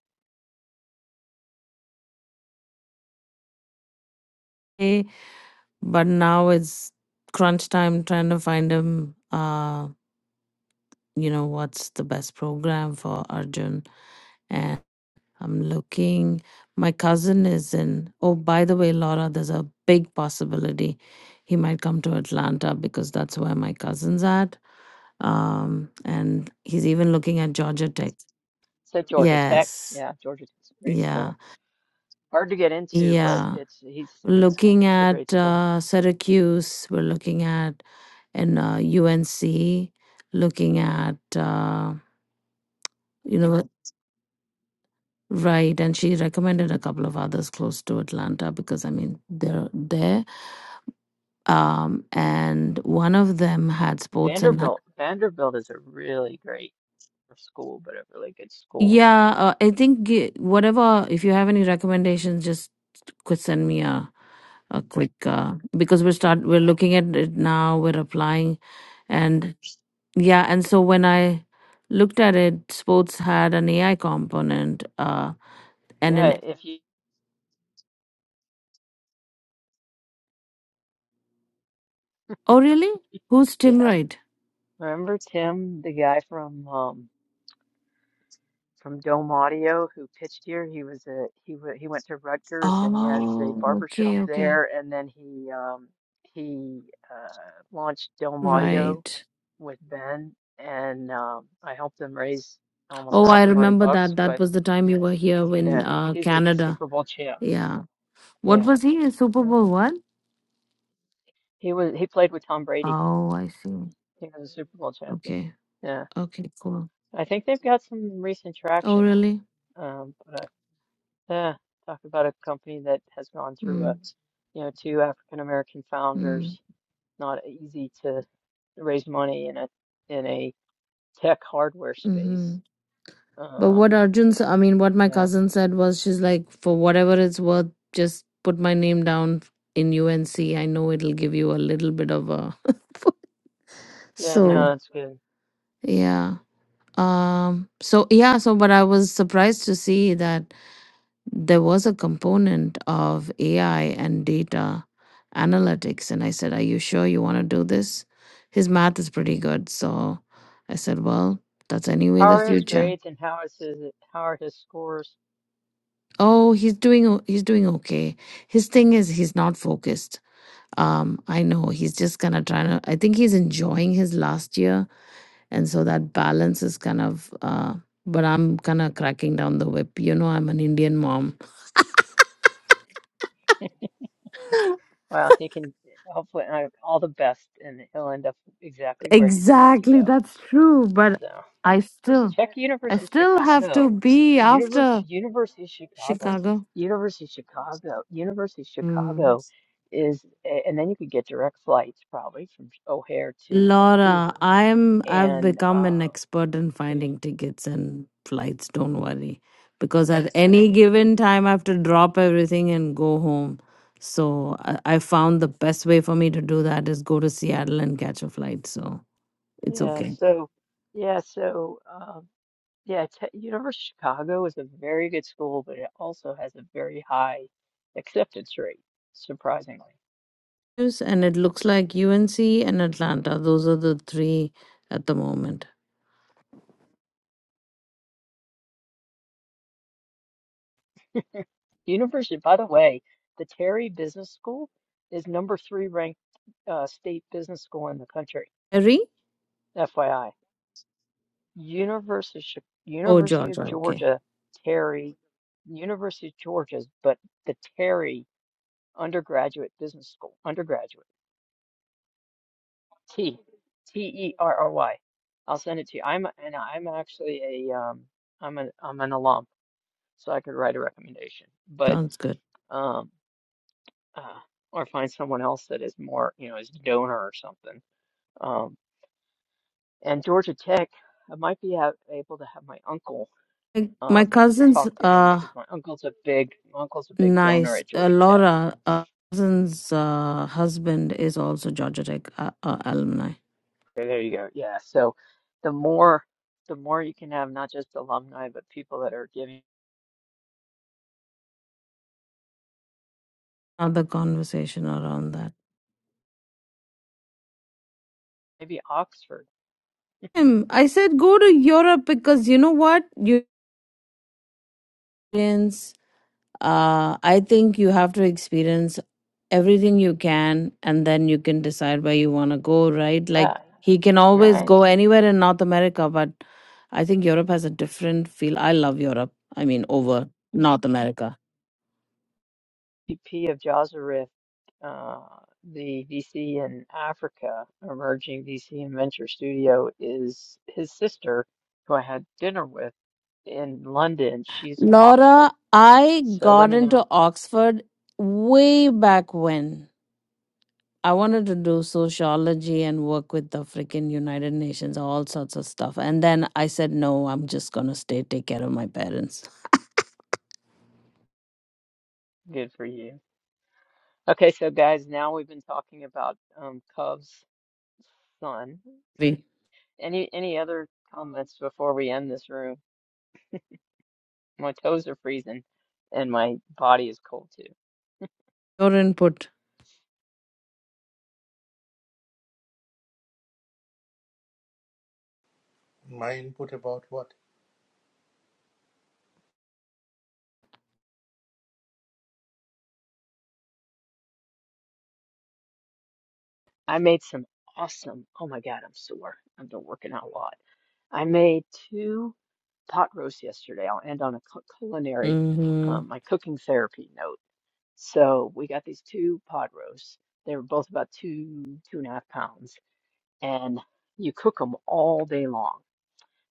[SPEAKER 3] Eh, but now it's crunch time trying to find him Uh. you know what's the best program for Arjun and I'm looking my cousin is in oh by the way Laura there's a big possibility he might come to Atlanta because that's where my cousin's at um and he's even looking at Georgia Tech
[SPEAKER 1] So Georgia Tech,
[SPEAKER 3] yes
[SPEAKER 1] yeah, Georgia Tech's a great school.
[SPEAKER 3] yeah
[SPEAKER 1] Hard to get into, but
[SPEAKER 3] yeah
[SPEAKER 1] it's he's
[SPEAKER 3] looking
[SPEAKER 1] it's a great
[SPEAKER 3] at
[SPEAKER 1] school.
[SPEAKER 3] uh, Syracuse we're looking at and uh, UNC looking at uh, you know Right, and she recommended a couple of others close to Atlanta because I mean they're there. Um, and one of them had sports and not-
[SPEAKER 1] Vanderbilt, Vanderbilt is a really great school, but a really good school.
[SPEAKER 3] yeah, uh, I think g- whatever. If you have any recommendations, just could send me a a quick uh, because we're start we're looking at it now. We're applying and yeah, and so when I looked at it, sports had an AI component. Uh, and an
[SPEAKER 1] Yeah, if you
[SPEAKER 3] oh really? Who's
[SPEAKER 1] yeah,
[SPEAKER 3] Tim Wright?
[SPEAKER 1] Remember Tim, the guy from um from Dome Audio who pitched here? He was a he w he went to Rutgers and he has a
[SPEAKER 3] Oh,
[SPEAKER 1] barber shop
[SPEAKER 3] okay, okay,
[SPEAKER 1] there, and then he um he uh launched Dome Audio
[SPEAKER 3] right.
[SPEAKER 1] with Ben, and um I helped him raise almost
[SPEAKER 3] Oh, I
[SPEAKER 1] half a million
[SPEAKER 3] remember
[SPEAKER 1] bucks.
[SPEAKER 3] that. That
[SPEAKER 1] But
[SPEAKER 3] was the time you were here in
[SPEAKER 1] yeah,
[SPEAKER 3] uh,
[SPEAKER 1] he's a
[SPEAKER 3] Canada.
[SPEAKER 1] Super Bowl champ.
[SPEAKER 3] Yeah. What
[SPEAKER 1] Yeah,
[SPEAKER 3] was he? A Super Bowl
[SPEAKER 1] exactly.
[SPEAKER 3] what?
[SPEAKER 1] He was he played with Tom Brady.
[SPEAKER 3] Oh, I see.
[SPEAKER 1] He was a Super Bowl champion.
[SPEAKER 3] Okay.
[SPEAKER 1] Yeah,
[SPEAKER 3] Okay, cool.
[SPEAKER 1] I think they've got some recent
[SPEAKER 3] Oh,
[SPEAKER 1] traction.
[SPEAKER 3] really?
[SPEAKER 1] Um, but uh, Yeah, talk about a company that has gone through a,
[SPEAKER 3] Mm,
[SPEAKER 1] you know, two African American
[SPEAKER 3] mm,
[SPEAKER 1] founders. Not easy to raise money in a in a tech hardware
[SPEAKER 3] mm-hmm.
[SPEAKER 1] space.
[SPEAKER 3] But what
[SPEAKER 1] Um,
[SPEAKER 3] Arjun, I mean, what my
[SPEAKER 1] yeah,
[SPEAKER 3] cousin said was she's like, for whatever it's worth, just put my name down in UNC. I know it'll give you a little bit of a. *laughs*
[SPEAKER 1] yeah,
[SPEAKER 3] so,
[SPEAKER 1] no, that's good.
[SPEAKER 3] yeah. Um, so yeah, so but I was surprised to see that there was a component of AI and data analytics. And I said, Are you sure you want to do this? His math is pretty good. So I said, Well, that's anyway the
[SPEAKER 1] Howard is
[SPEAKER 3] future.
[SPEAKER 1] great, and Howard says that Howard has scores.
[SPEAKER 3] Oh, he's doing o- he's doing okay. His thing is he's not focused. Um, I know he's just kind of trying to. I think he's enjoying his last year and so that balance is kind of uh, but i'm kind of cracking down the whip you know i'm an indian mom
[SPEAKER 1] Well, he can hopefully I- all the best, and he'll end up exactly where he's meant to
[SPEAKER 3] Exactly,
[SPEAKER 1] go.
[SPEAKER 3] that's true. But
[SPEAKER 1] So.
[SPEAKER 3] I still,
[SPEAKER 1] Check
[SPEAKER 3] I
[SPEAKER 1] University of
[SPEAKER 3] still have to
[SPEAKER 1] Chicago.
[SPEAKER 3] be
[SPEAKER 1] University
[SPEAKER 3] after
[SPEAKER 1] University of Chicago.
[SPEAKER 3] Chicago.
[SPEAKER 1] University of Chicago. University of
[SPEAKER 3] mm.
[SPEAKER 1] Chicago is a- and then you could get direct flights probably from O'Hare to
[SPEAKER 3] Laura,
[SPEAKER 1] Vancouver.
[SPEAKER 3] I'm, I've
[SPEAKER 1] And
[SPEAKER 3] become an
[SPEAKER 1] um
[SPEAKER 3] expert in
[SPEAKER 1] yeah,
[SPEAKER 3] finding tickets and flights. Don't worry, because at Yes. any given time, I have to drop everything and go home. So I, I found the best way for me to do that is go to Seattle and catch a flight. So. it's
[SPEAKER 1] yeah,
[SPEAKER 3] okay.
[SPEAKER 1] so yeah, so um yeah, te University of Chicago is a very good school, but it also has a very high acceptance rate, surprisingly.
[SPEAKER 3] Yes, And it looks like UNC and Atlanta. Those are the three at the moment.
[SPEAKER 1] University, by the way, the Terry Business School is number three ranked uh, state business school in the country.
[SPEAKER 3] Harry?
[SPEAKER 1] FYI, University
[SPEAKER 3] Oh,
[SPEAKER 1] University of
[SPEAKER 3] Georgia. Okay.
[SPEAKER 1] Georgia, Terry, University of Georgia's, but the Terry Undergraduate Business School, undergraduate, T, T E R R Y. I'll send it to you. I'm and I'm actually a um I'm an I'm an alum, so I could write a recommendation. But
[SPEAKER 3] Sounds good.
[SPEAKER 1] um uh, or find someone else that is more, you know, is a donor or something. Um, and Georgia Tech, I might be ha able to have my uncle
[SPEAKER 3] My my
[SPEAKER 1] um,
[SPEAKER 3] cousins
[SPEAKER 1] talk to him because
[SPEAKER 3] are
[SPEAKER 1] my uncle's a big, my uncle's a big
[SPEAKER 3] nice.
[SPEAKER 1] donor at
[SPEAKER 3] Uh,
[SPEAKER 1] Georgia Tech.
[SPEAKER 3] Laura, uh, cousin's uh, husband is also Georgia Tech uh, uh, alumni.
[SPEAKER 1] So there you go. Yeah. So the more, the more you can have not just alumni but people that are giving.
[SPEAKER 3] Another conversation around that.
[SPEAKER 1] Maybe Oxford.
[SPEAKER 3] Um, I said go to Europe because you know what? Europeans uh, I think you have to experience everything you can and then you can decide where you want to go, right? Like
[SPEAKER 1] Yeah.
[SPEAKER 3] he can always
[SPEAKER 1] Yeah.
[SPEAKER 3] go anywhere in North America, but I think Europe has a different feel. I love Europe, I mean, over North America.
[SPEAKER 1] VP of Joserift, uh, the VC in Africa, emerging VC and venture studio, is his sister, who I had dinner with in London. She's Oxford.
[SPEAKER 3] Laura, I
[SPEAKER 1] So let
[SPEAKER 3] got
[SPEAKER 1] me know.
[SPEAKER 3] into Oxford way back when. I wanted to do sociology and work with the freaking United Nations, all sorts of stuff. And then I said, no, I'm just going to stay, take care of my parents.
[SPEAKER 1] Good for you. Okay, so guys, now we've been talking about um, Cov's son.
[SPEAKER 3] *laughs*
[SPEAKER 1] Any any other comments before we end this room? My toes are freezing, and my body is cold too.
[SPEAKER 3] Your input.
[SPEAKER 4] My input about what?
[SPEAKER 1] I made some awesome. Oh my God, I'm sore. I've been working out a lot I made two pot roasts yesterday. I'll end on a cu- culinary,
[SPEAKER 3] hmm
[SPEAKER 1] um, my cooking therapy note. So we got these two pot roasts. They were both about two, two and a half pounds, and you cook them all day long.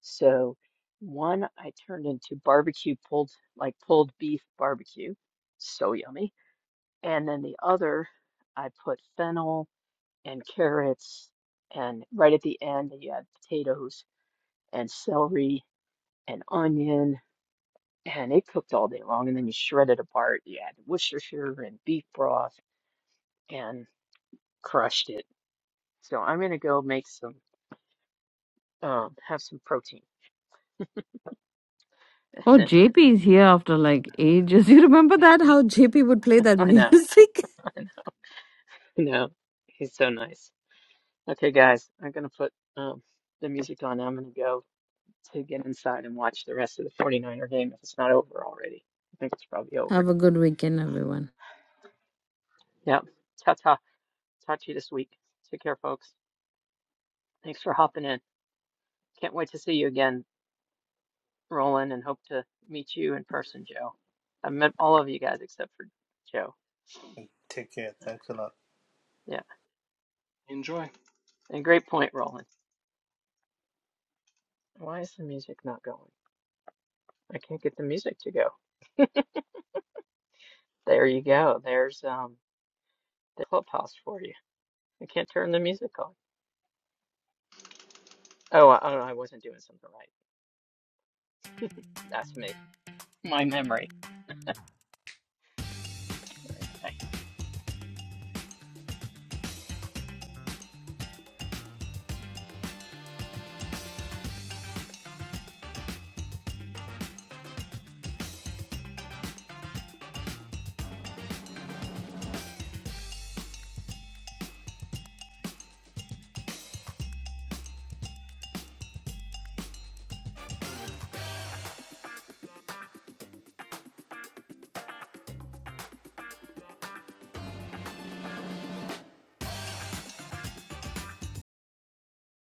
[SPEAKER 1] So one I turned into barbecue pulled, like pulled beef barbecue. So yummy. And then the other, I put fennel and carrots, and right at the end, you add potatoes and celery and onion, and it cooked all day long. And then you shred it apart. You add Worcestershire and beef broth, and crushed it. So I'm gonna go make some, um, have some protein.
[SPEAKER 3] Oh,
[SPEAKER 1] *laughs*
[SPEAKER 3] JP is here after like ages. *laughs* You remember that? How JP would play that
[SPEAKER 1] I know,
[SPEAKER 3] music?
[SPEAKER 1] I know. He's so nice. Okay, guys, I'm gonna put um, the music on. I'm gonna go to get inside and watch the rest of the 49er game if it's not over already. I think it's probably
[SPEAKER 3] *laughs*
[SPEAKER 1] over.
[SPEAKER 3] Have a good weekend, everyone.
[SPEAKER 1] Yep. Ta ta. Talk to you this week. Take care, folks. Thanks for hopping in. Can't wait to see you again. rolling and hope to meet you in person, Joe. I've met all of you guys except for Joe.
[SPEAKER 4] Take care. Thanks a lot.
[SPEAKER 1] Yeah,
[SPEAKER 2] Enjoy.
[SPEAKER 1] and great point, Roland. Why is the music not going? I can't get the music to go. There you go. There's um the clubhouse for you. I can't turn the music on. Oh, I, oh, I wasn't doing something right. That's me. My memory. I